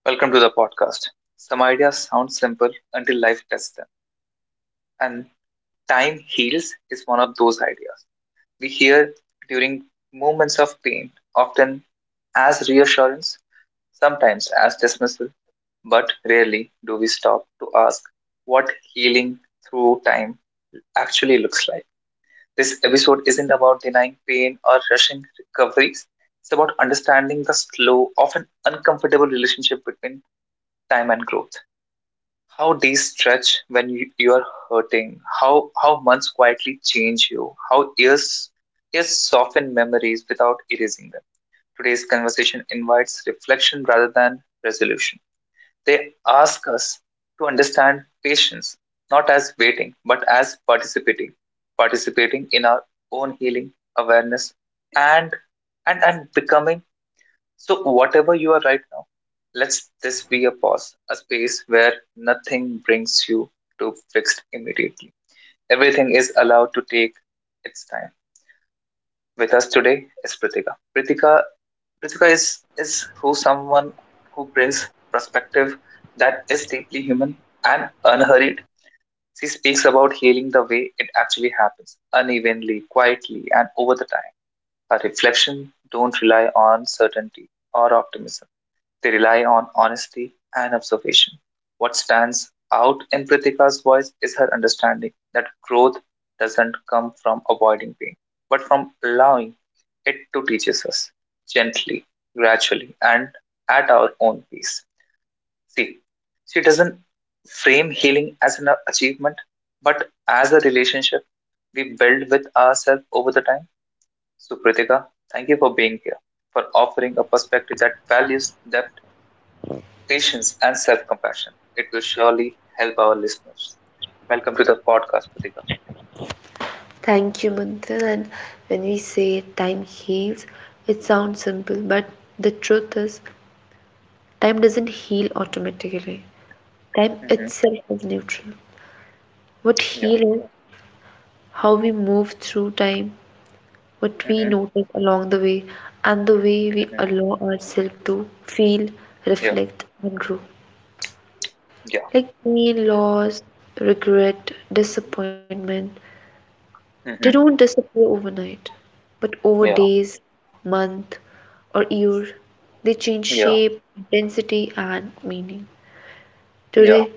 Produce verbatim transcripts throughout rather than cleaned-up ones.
Welcome to the podcast. Some ideas sound simple until life tests them, and time heals is one of those ideas. We hear during moments of pain, often as reassurance, sometimes as dismissal, but rarely do we stop to ask what healing through time actually looks like. This episode isn't about denying pain or rushing recoveries. It's about understanding the slow, often uncomfortable relationship between time and growth. How days stretch when you, you are hurting. How how months quietly change you. How years years soften memories without erasing them. Today's conversation invites reflection rather than resolution. They ask us to understand patience not as waiting but as participating, participating in our own healing, awareness, and and and becoming. So, whatever you are right now, let's this be a pause, a space where nothing brings you to fixed immediately. Everything is allowed to take its time. With us today is Pritika. Pritika, Pritika is is who someone who brings perspective that is deeply human and unhurried. She speaks about healing the way it actually happens, unevenly, quietly, and over the time. A reflection don't rely on certainty or optimism. They rely on honesty and observation. What stands out in Pritika's voice is her understanding that growth doesn't come from avoiding pain, but from allowing it to teach us gently, gradually, and at our own pace. See, she doesn't frame healing as an achievement, but as a relationship we build with ourselves over the time. Supritika, thank you for being here, for offering a perspective that values depth, patience, and self compassion. It will surely help our listeners. Welcome to the podcast, Pratika. Thank you, Manthan. And when we say time heals, it sounds simple, but the truth is, time doesn't heal automatically. Time hmm itself is neutral. What Yeah. heals is how we move through time, what we hmm notice along the way, and the way we hmm allow ourselves to feel, Yeah. reflect, and grow. Yeah. Like pain, loss, regret, disappointment, they don't hmm disappear overnight, but over Yeah. days, month, or year, they change Yeah. shape, intensity, and meaning. Yeah. Today,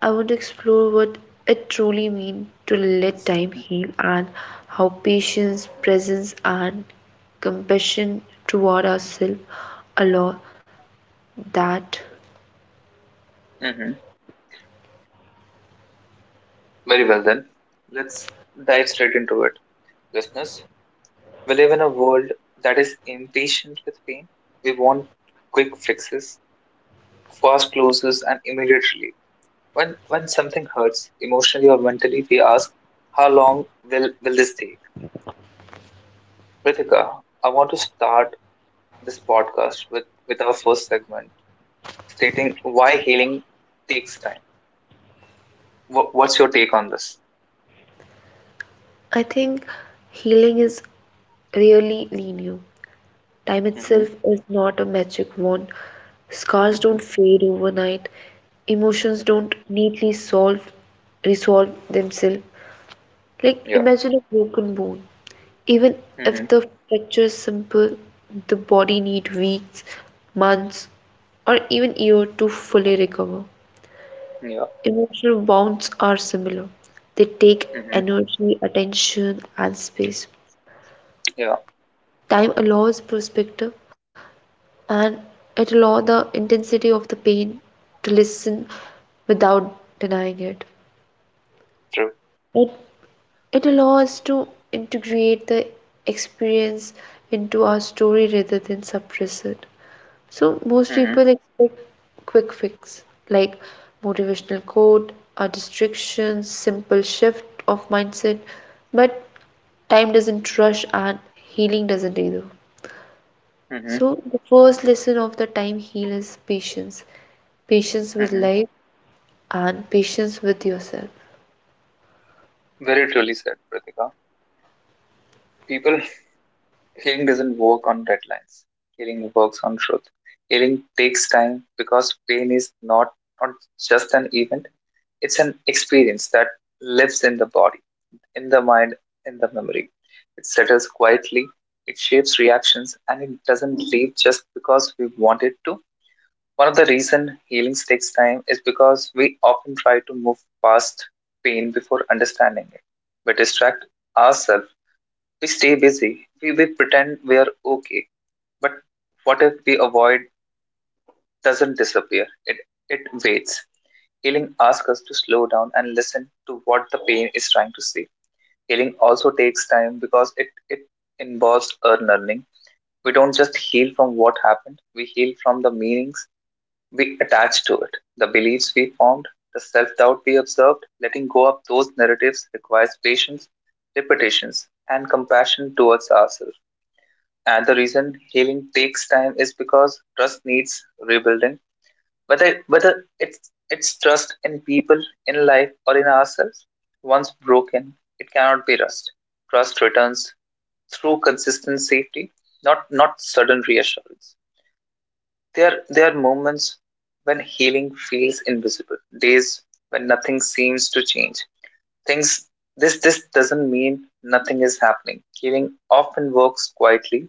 I want to explore what it truly means to let time heal and how patience, presence, and compassion toward ourselves allow that. hmm Very well, then. Let's dive straight into it. Listeners, we live in a world that is impatient with pain. We want quick fixes, fast closes, and immediate relief. When when something hurts emotionally or mentally, we ask, how long will will this take? Prithika, I want to start this podcast with with our first segment, stating why healing takes time. Wha what's your take on this? I think healing is really linear. Time itself Mm-hmm. is not a magic wand. Scars Mm-hmm. don't fade overnight. Emotions Mm-hmm. don't neatly solve resolve themselves. Like Yeah. imagine a broken bone. Even if Mm-hmm. the fracture is simple, the body needs weeks, months, or even years to fully recover. Yeah. Emotional wounds are similar. They take Mm-hmm. energy, attention, and space. Yeah. Time allows perspective, and it will lower the intensity of the pain to listen without denying it. True. It it allows us to integrate the experience into our story rather than suppress it. So most Mm-hmm. people expect quick fix like motivational quote, a distraction, simple shift of mindset, but time doesn't rush and healing doesn't either. Mm-hmm. So, the first lesson of the time heal is patience, patience with Mm-hmm. life and patience with yourself. Very truly said, Pratika. People, healing doesn't work on deadlines. Healing works on truth. Healing takes time because pain is not, not just an event, it's an experience that lives in the body, in the mind, in the memory. It settles quietly, it shapes reactions, and it doesn't leave just because we want it to. One of the reasons healing takes time is because we often try to move past pain before understanding it. We distract ourselves, we stay busy, we, we pretend we are okay. But what if we avoid doesn't disappear? It, it waits. Healing asks us to slow down and listen to what the pain is trying to say. Healing also takes time because it, it involves a learning. We don't just heal from what happened, we heal from the meanings we attach to it, the beliefs we formed, the self doubt we observed. Letting go of those narratives requires patience, repetitions, and compassion towards ourselves. And the reason healing takes time is because trust needs rebuilding. Whether whether it's it's trust in people, in life, or in ourselves, once broken, it cannot be rust. Trust returns through consistent safety, not not sudden reassurance. There there are moments when healing feels invisible, days when nothing seems to change. Things this this doesn't mean nothing is happening. Healing often works quietly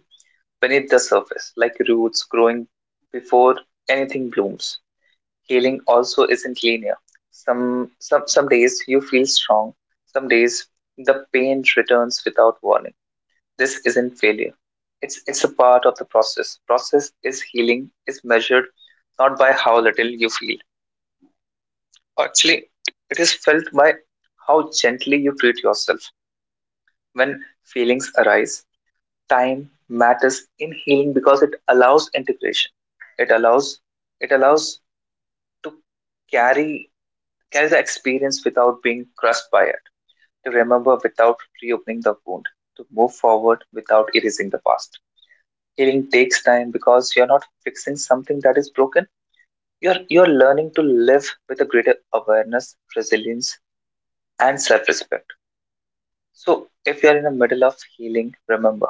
beneath the surface, like roots growing before anything blooms. Healing also isn't linear. Some, some, some days you feel strong, some days the pain returns without warning. This isn't failure. It's, it's a part of the process. Process is healing, is measured not by how little you feel. Actually, it is felt by how gently you treat yourself. When feelings arise, time matters in healing because it allows integration, it allows it allows to carry carry the experience without being crushed by it, to remember without reopening the wound, to move forward without erasing the past. Healing takes time because you're not fixing something that is broken, you're you're learning to live with a greater awareness, resilience, and self-respect. So if you're in the middle of healing, remember,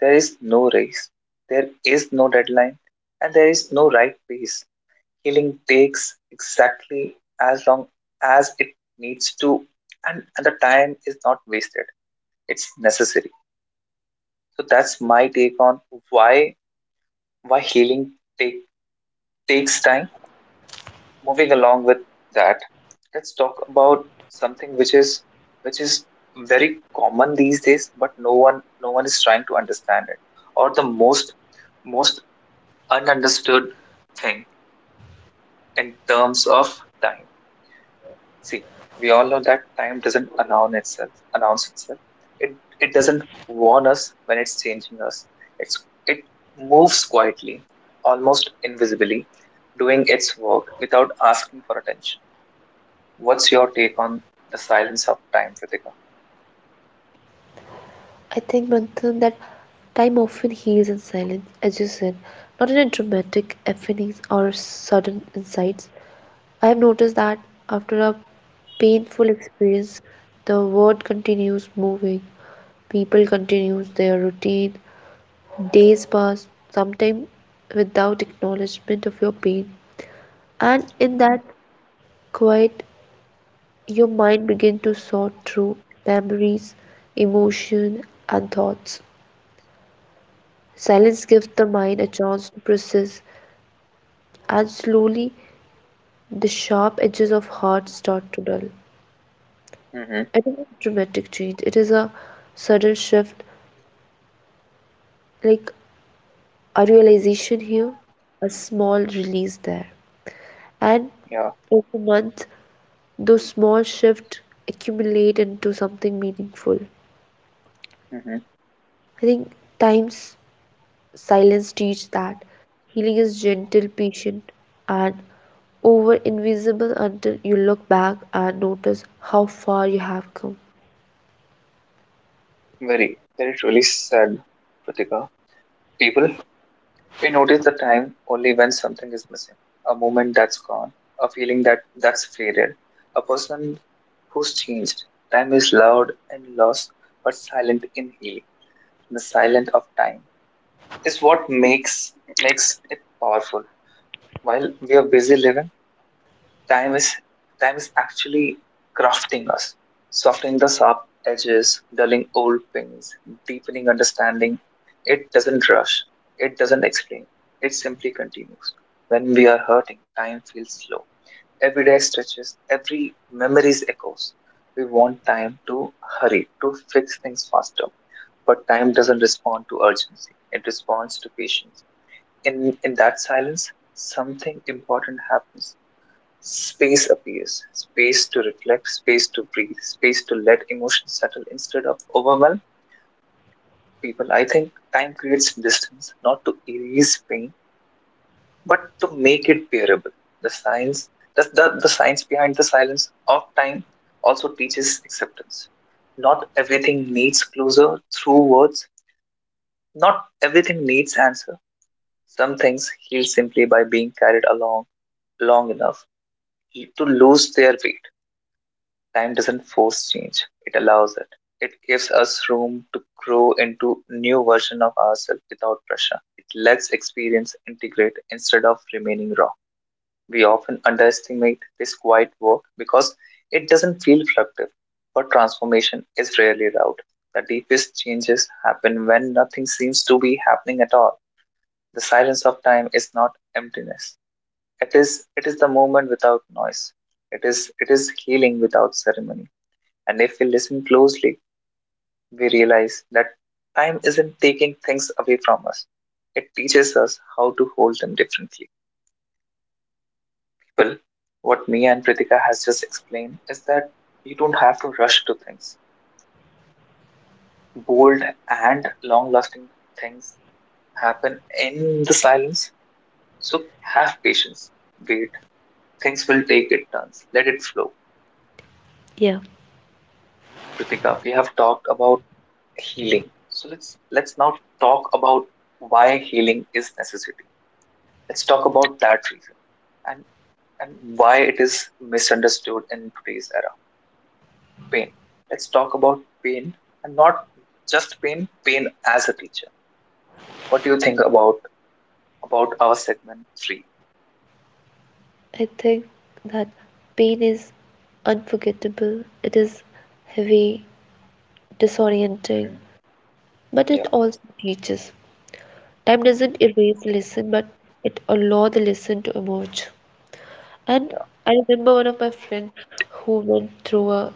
there is no race, there is no deadline, and there is no right pace. Healing takes exactly as long as it needs to, and, and the time is not wasted. It's necessary. So that's my take on why why healing take, takes time. Moving along with that, let's talk about something which is which is very common these days, but no one no one is trying to understand it. Or the most most ununderstood thing in terms of time. See, we all know that time doesn't announce itself. Announce itself. It it doesn't warn us when it's changing us. It's it moves quietly, almost invisibly, doing its work without asking for attention. What's your take on the silence of time, Pratika? I think, Manthan, that time often heals in silence, as you said, not in a dramatic epiphanies or sudden insights. I have noticed that after a painful experience, the world continues moving, people continues their routine, days pass, sometimes without acknowledgement of your pain. And in Mm-hmm. that quiet, your mind begins to sort through memories, emotion, and thoughts. Silence gives the mind a chance to process, and slowly the sharp edges of heart start to dull. Mm-hmm. It is a dramatic change. It is a sudden shift, like a realization here, a small release there. And Yeah. over months, those small shifts accumulate into something meaningful. Mm-hmm. I think times silence teaches that healing is gentle, patient, and over invisible until you look back and notice how far you have come. Very very truly said, Pratika. People, we notice the time only when something is missing, a moment that's gone, a feeling that that's faded, a person who's changed. Time is loud and lost, but silent in healing. The silence of time is what makes makes it powerful. While we are busy living, time is time is actually crafting us, softening the sharp edges, dulling old things, deepening understanding. It doesn't rush. It doesn't explain. It simply continues. When we are hurting, time feels slow. Every day stretches, every memory's echoes. We want time to hurry, to fix things faster. But time doesn't respond to urgency. It responds to patience. In in that silence, something important happens. Space appears, space to reflect, space to breathe, space to let emotions settle instead of overwhelm people. I think time creates distance, not to erase pain, but to make it bearable. The science, the, the, the science behind the silence of time also teaches acceptance. Not everything needs closure through words, not everything needs answer. Some things heal simply by being carried along long enough to lose their weight. Time doesn't force change, it allows it. It gives us room to grow into new version of ourselves without pressure. It lets experience integrate instead of remaining raw. We often underestimate this quiet work because it doesn't feel productive, but transformation is rarely loud. The deepest changes happen when nothing seems to be happening at all. The silence of time is not emptiness. It is it is the moment without noise. It is it is healing without ceremony. And if we listen closely, we realize that time isn't taking things away from us. It teaches us how to hold them differently. People, what Mia and Pritika has just explained is that you don't have to rush to things. Bold and long lasting things happen in the silence. So have patience. Wait. Things will take its turns. Let it flow. Yeah, Pritika, we have talked about healing. So let's let's now talk about why healing is necessary. Let's talk about that reason and and why it is misunderstood in today's era. Pain, let's talk about pain, and not just pain pain as a teacher. What do you think about about our segment three? I think that pain is unforgettable, it is heavy, disorienting, Mhm. but it Yeah. also teaches. Time Mhm. doesn't erase the lesson, but it allows the lesson to emerge. And Yeah. I remember one of my friends who went through a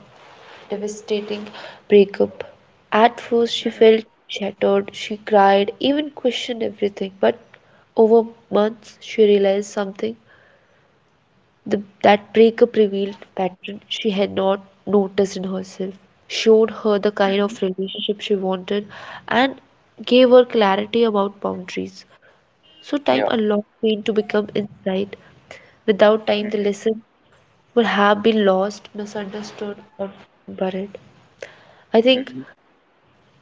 devastating breakup. At first, she Mhm. felt shattered, she cried, even questioned everything. But over months, she realized something the, that breakup revealed pattern she had not noticed in herself, showed her the kind Mhm. of relationship she wanted, and gave her clarity about boundaries. So, time Yeah. allowed pain to become insight. Without time, the Mhm. lesson would have been lost, misunderstood, or buried. I think Hmm.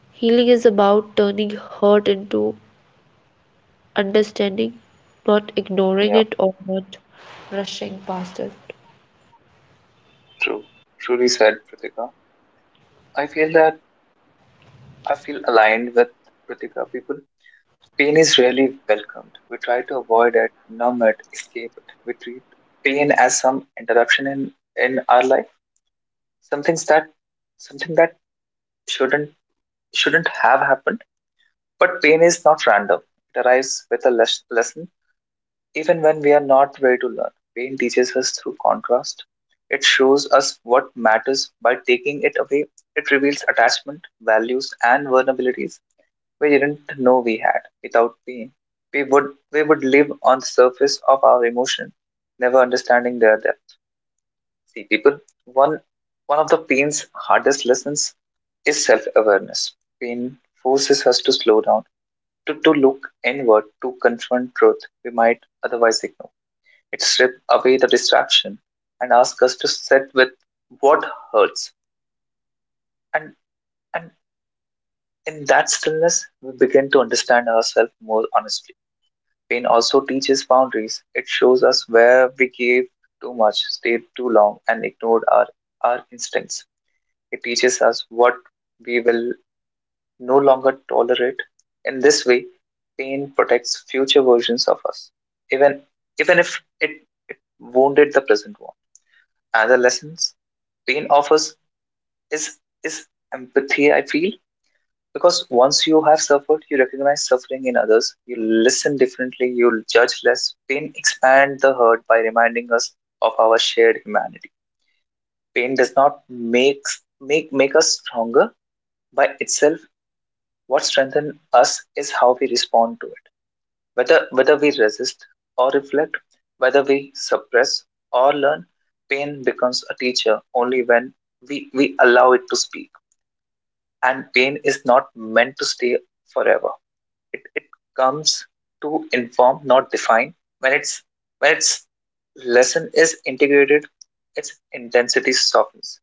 healing is about turning hurt into understanding, not ignoring Yeah, it or not rushing past it. true. Truly said, Pratika. I feel that I feel aligned with Pratika. People, pain is rarely welcomed. We try to avoid it, numb it, escape it. We treat pain as some interruption in, in our life, something that something that shouldn't shouldn't have happened. But pain is not random. It arrives with a les- lesson. Even when we are not ready to learn, pain teaches us through contrast. It shows us what matters by taking it away. It reveals attachment, values, and vulnerabilities we didn't know we had. Without pain, we would we would live on the surface of our emotion, never understanding their depth. See, people, one one of the pain's hardest lessons is self-awareness. Pain forces us to slow down, to, to look inward, to confront truth we might otherwise ignore. It strips away the distraction and asks us to sit with what hurts. And and in that stillness, we begin to understand ourselves more honestly. Pain also teaches boundaries. It shows us where we gave too much, stayed too long, and ignored our, our instincts. It teaches us what we will no longer tolerate. In this way, pain protects future versions of us, even even if it, it wounded the present one. Adolescence, pain offers is is empathy, I feel. Because once you have suffered, you recognize suffering in others, you listen differently, you'll judge less. Pain expands the hurt by reminding us of our shared humanity. Pain does not makes make make us stronger by itself. What strengthens us is how we respond to it. Whether, whether we resist or reflect, whether we suppress or learn, pain becomes a teacher only when we, we allow it to speak. And pain is not meant to stay forever. It, it comes to inform, not define. When it's when its lesson is integrated, its intensity softens.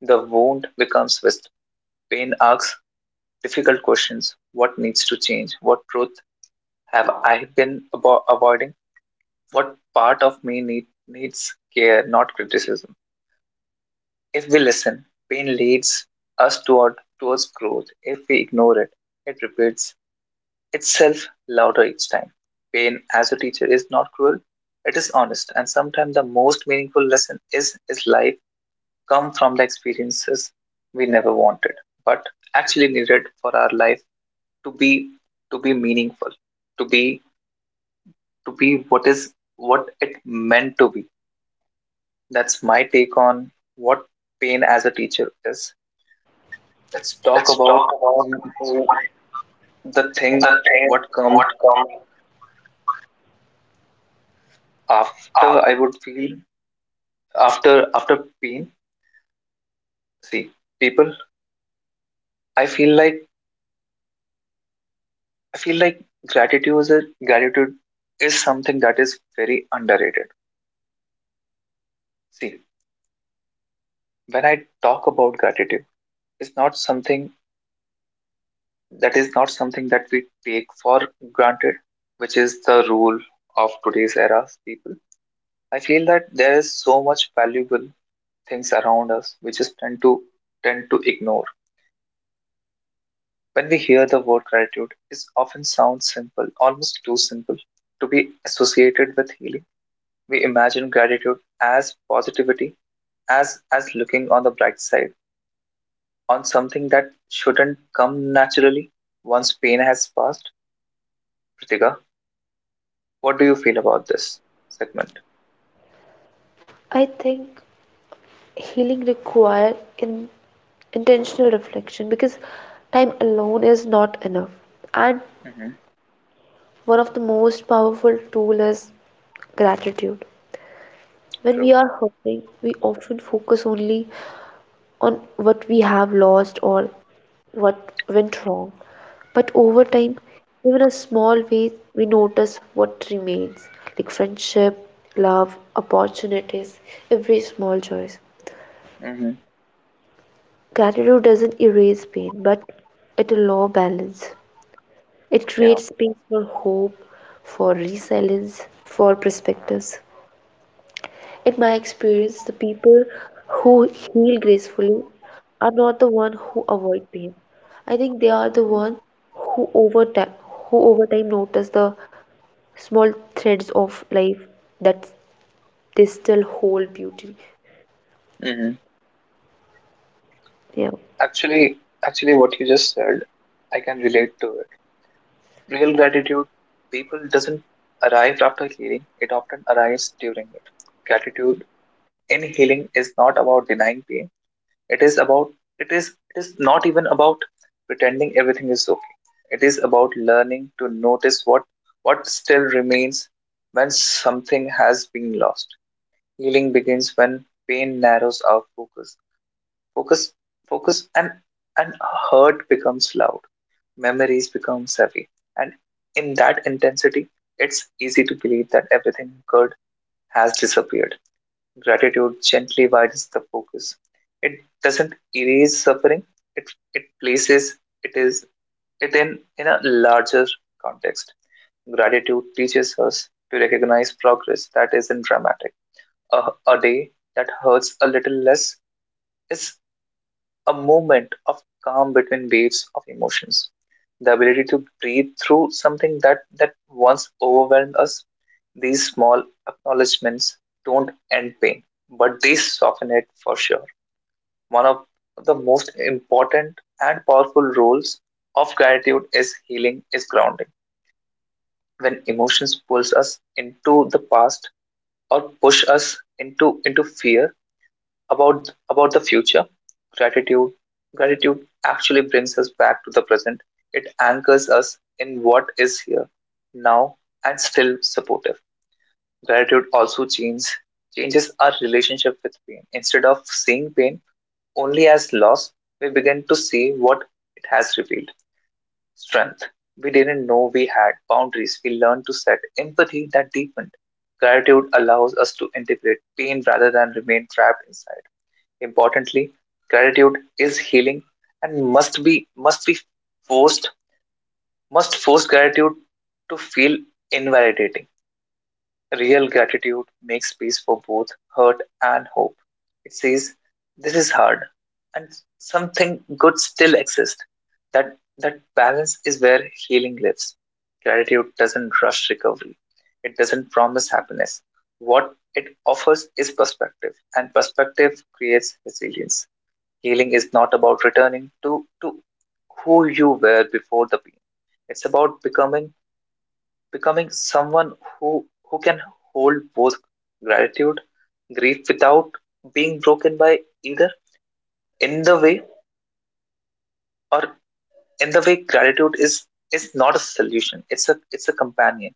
The wound becomes wisdom. Pain asks difficult questions. What needs to change? What truth have I been abo- avoiding? What part of me need, needs care, not criticism. If we listen, pain leads us toward towards growth. If we ignore it, it repeats itself louder each time. Pain as a teacher is not cruel, it is honest, and sometimes the most meaningful lesson is is life come from the experiences we never wanted, but actually needed for our life to be to be meaningful, to be to be what is what it meant to be. That's my take on what pain as a teacher is. Yes. Let's talk Let's about talk about the the thing thing what come what comes up. after I would feel after after pain. See, people, I feel like I feel like gratitude is a, gratitude is something that is very underrated. See, when I talk about gratitude, it's not something that is not something that we take for granted, which is the rule of today's era people. I feel that there is so much valuable things around us we just tend to tend to ignore. When we hear the word gratitude, it often sounds simple, almost too simple to be associated with healing. We imagine gratitude as positivity, as as looking on the bright side, on something that shouldn't come naturally once pain has passed. Pritika, what do you feel about this segment? I think healing requires in intentional reflection because time alone is not enough. And Mm-hmm. one of the most powerful tool is gratitude. When we True. are hurting, we often focus only on what we have lost or what went wrong. But over Mm-hmm. time, even a small ways, we notice what remains like friendship, love, opportunities, every small choice. Mm-hmm. Gratitude doesn't erase pain, but it allows balance. It Yeah. creates space for hope, for resilience, for perspectives. In my experience, the people who heal gracefully are not the one who avoid pain. I think they are the Mm-hmm. one who over time who over time notice the small threads of life that they still hold beauty. Mm-hmm. Yeah. actually Actually, what you just said, I can relate to it. Real gratitude, people, doesn't arrive after healing, it often arrives during it. Gratitude in healing is not about denying pain. It is about it is it is not even about pretending everything is okay. It is about learning to notice what what still remains when something has been lost. Healing begins when pain narrows our focus. Focus focus and and hurt becomes loud, memories become heavy. And in that intensity, it's easy to believe that everything good has disappeared. Gratitude gently widens the focus. It doesn't erase suffering, it, it places it is it in, in a larger context. Gratitude teaches us to recognize progress that isn't dramatic. A, a day that hurts a little less is a moment of calm between waves of emotions. The ability to breathe through something that, that once overwhelmed us. These small acknowledgements don't end pain, but they soften it for sure. One of the most important and powerful roles of gratitude is healing, is grounding. When emotions pulls us into the past or push us into into fear, about about the future, gratitude gratitude actually brings us back to the present. It anchors us in what is here now and still supportive. Gratitude also changes changes our relationship with pain. Instead of seeing pain only as loss, we begin to see what it has revealed. Strength. We didn't know we had boundaries. We learned to set empathy that deepened. Gratitude allows us to integrate pain rather than remain trapped inside. Importantly, gratitude is healing, and must be must be forced. Must force gratitude to feel invalidating. Real gratitude makes space for both hurt and hope. It says, this is hard, and something good still exists. That, that balance is where healing lives. Gratitude doesn't rush recovery, it doesn't promise happiness. What it offers is perspective, and perspective creates resilience. Healing is not about returning to, to who you were before the pain, it's about becoming becoming someone who who can hold both gratitude, grief, without being broken by either. In the way or in the way, gratitude is is not a solution, it's a it's a companion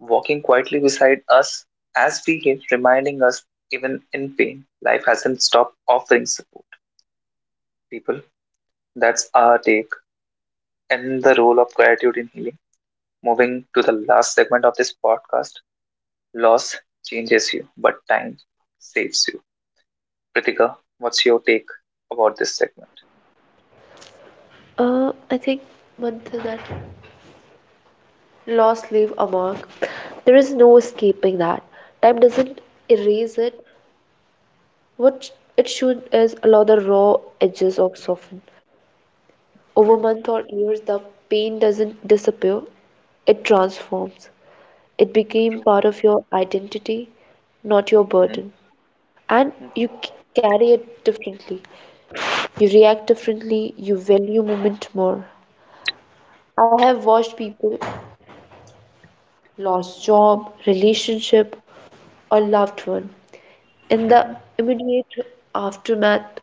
walking quietly beside us as we heal, reminding us even in pain life hasn't stopped offering support. People, that's our take and the role of gratitude in healing. Moving to the last segment of this podcast, loss changes you but time saves you. Pritika, what's your take about this segment? Uh, I think one thing that loss leave a mark. There is no escaping that. Time doesn't erase it. What it should is allow the raw edges of soften. Over Hmm? months or years, the pain doesn't disappear, it transforms. It became True. part of your identity, not your Mm-hmm. burden. And you Mm-hmm. c- carry it differently. You react differently, you value moment more. I have watched people lost job, relationship, or loved one. In the Mm-hmm. immediate aftermath,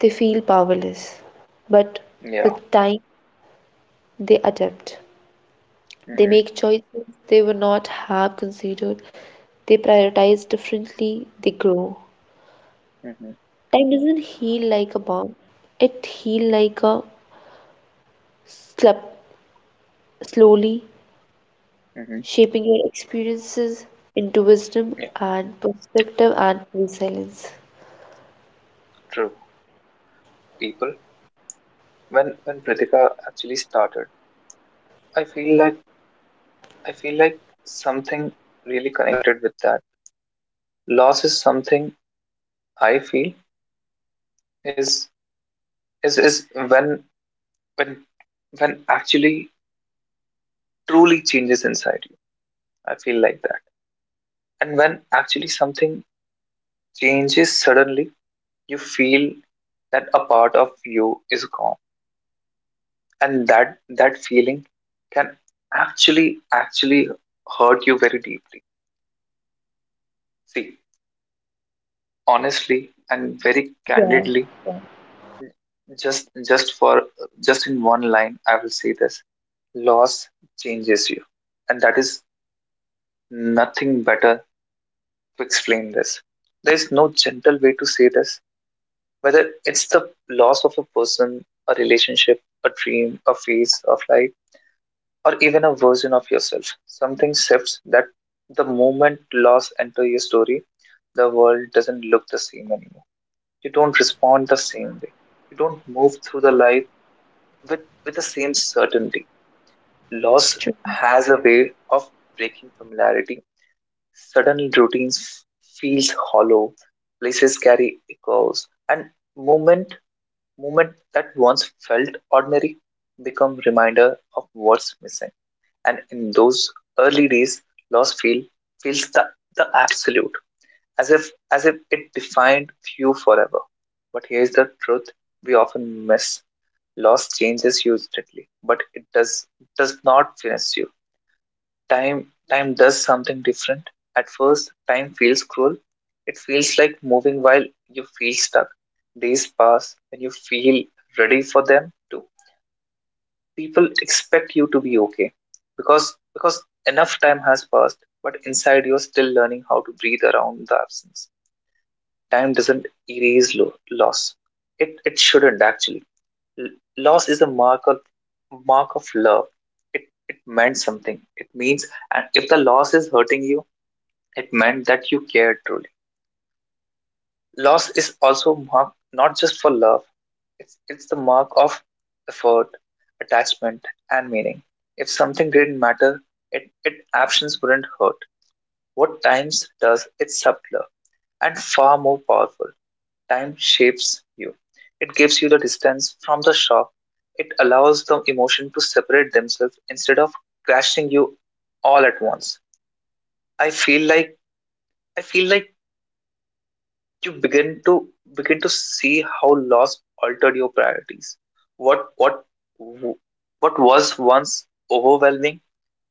they feel powerless. But Yeah. with time, they adapt. They Mm-hmm. make choices they would not have considered. They prioritize differently. They grow. Mm-hmm. Time doesn't heal like a bomb. It heals like a slap, slowly Mm-hmm. shaping your experiences into wisdom Yeah. and perspective and resilience. True. People, when when Pritika actually started, I feel like I feel like something really connected with that. Loss is something I feel is is is when when when actually truly changes inside you. I feel like that, and when actually something changes suddenly, you feel that a part of you is gone, and that that feeling can actually actually hurt you very deeply. See, honestly and very Yeah. candidly, Yeah. just just for just in one line I will say this. Loss changes you, and that is nothing better to explain this. There is no gentle way to say this. Whether it's the loss of a person, a relationship, a dream, a phase of life, or even a version of yourself, something shifts that the moment loss enters your story, the world doesn't look the same anymore. You don't respond the same way. You don't move through the life with, with the same certainty. True. Loss has a way of breaking familiarity. Sudden routines feels hollow. Places carry echoes, and movement, moment that once felt ordinary become reminder of what's missing. And in those early days, loss feel feels the, the absolute, as if as if it defined you forever. But here's the truth we often miss. Loss changes you instantly, but it does does not finish you. Time time does something different. At first, time feels cruel. It feels like moving while you feel stuck. Days pass when you feel ready for them too. People expect you to be okay because because enough time has passed, but inside you're still learning how to breathe around the absence. Time doesn't erase lo- loss. It, it shouldn't actually. L- Loss is a mark of mark of love. It it meant something. It means, and if the loss is hurting you, it meant that you cared truly. Loss is also a mark not just for love. It's it's the mark of effort, attachment, and meaning. If something didn't matter, it, it absence wouldn't hurt. What times does it subtler and far more powerful. Time shapes you. It gives you the distance from the shock. It allows the emotion to separate themselves instead of crashing you all at once. I feel like I feel like you begin to begin to see how loss altered your priorities. What what what was once overwhelming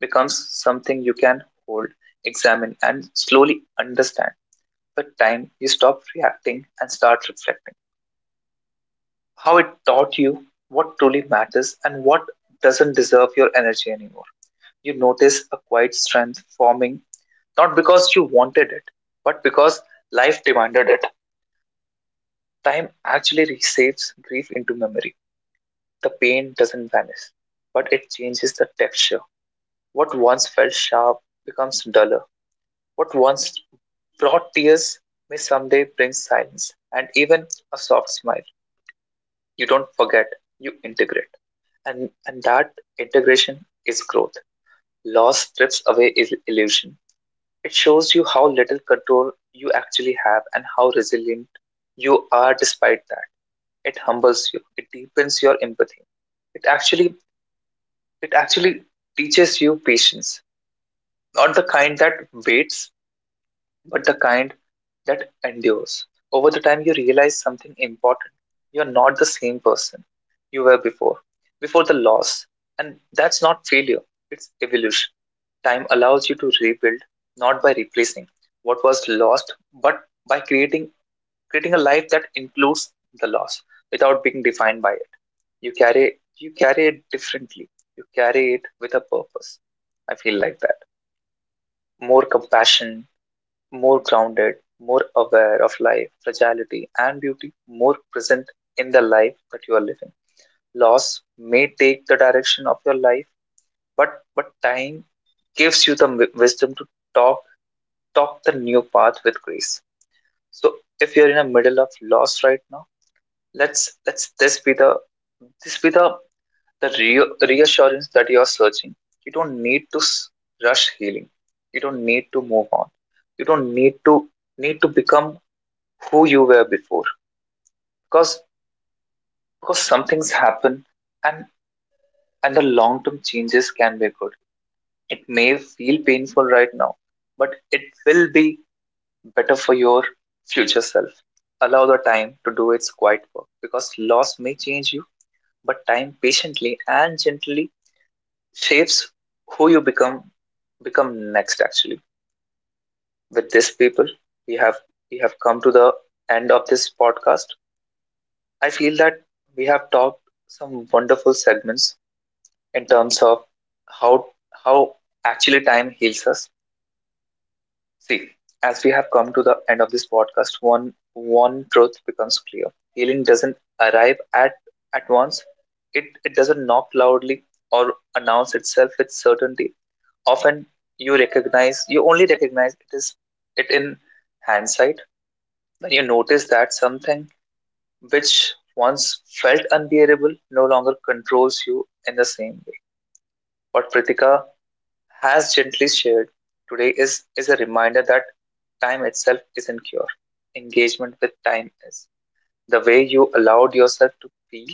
becomes something you can hold, examine, and slowly understand. With time, you stop reacting and start reflecting, how it taught you what truly matters and what doesn't deserve your energy anymore. You notice a quiet strength forming, not because you wanted it, but because life demanded it. Time actually reshapes grief into memory. The pain doesn't vanish, but it changes the texture. What once felt sharp becomes duller. What once brought tears may someday bring silence and even a soft smile. You don't forget, you integrate, and and that integration is growth. Loss strips away is illusion. It shows you how little control you actually have and how resilient you are despite that. It humbles you, it deepens your empathy, it actually it actually teaches you patience, not the kind that waits, but the kind that endures. Over the time, you realize something important. You're not the same person you were before, before the loss. And that's not failure, it's evolution. Time allows you to rebuild, not by replacing what was lost, but by creating, creating a life that includes the loss without being defined by it. You carry, you carry it differently, you carry it with a purpose. I feel like that. More compassion, more grounded, more aware of life, fragility, and beauty, more present in the life that you are living. Loss may take the direction of your life, but but time gives you the wi- wisdom to talk talk the new path with grace. So if you're in the middle of loss right now, let's let's this be the this be the the re- reassurance that you are searching. You don't need to s- rush healing. You don't need to move on. You don't need to need to become who you were before, because because some things happen, and and the long term changes can be good. It may feel painful right now, but it will be better for your future self. Allow the time to do its quiet work, because loss may change you, but time patiently and gently shapes who you become become next. Actually, with this, people, we have we have come to the end of this podcast. I feel that we have talked some wonderful segments in terms of how how actually time heals us. See, as we have come to the end of this podcast, one one truth becomes clear. Healing doesn't arrive at at once. It it doesn't knock loudly or announce itself with certainty. Often you recognize you only recognize it is it in hindsight when you notice that something which once felt unbearable no longer controls you in the same way. What Pritika has gently shared today is, is a reminder that time itself isn't cure. Engagement with time is the way you allowed yourself to feel,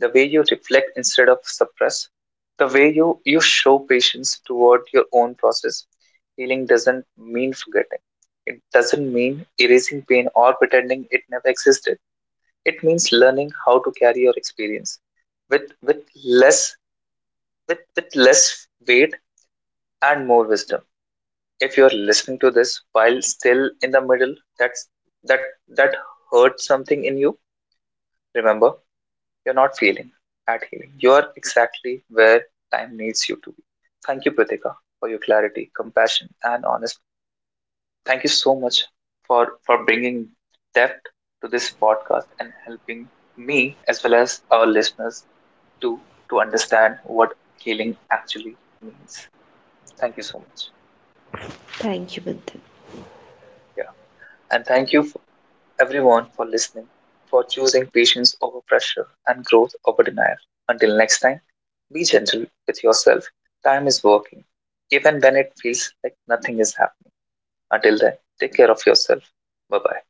the way you reflect instead of suppress, the way you, you show patience toward your own process. Healing doesn't mean forgetting. It doesn't mean erasing pain or pretending it never existed. It means learning how to carry your experience with with less with, with less weight and more wisdom. If you're listening to this while still in the middle, that's that that hurts something in you, remember, you're not failing at healing, you're exactly where time needs you to be. Thank you, Pratika, for your clarity, compassion and honesty. Thank you so much for for bringing depth to this podcast and helping me as well as our listeners to to understand what healing actually means. Thank you so much. Thank you, Manthan. Yeah. And thank you for everyone for listening, for choosing patience over pressure and growth over denial. Until next time, be gentle with yourself. Time is working, even when it feels like nothing is happening. Until then, take care of yourself. Bye bye.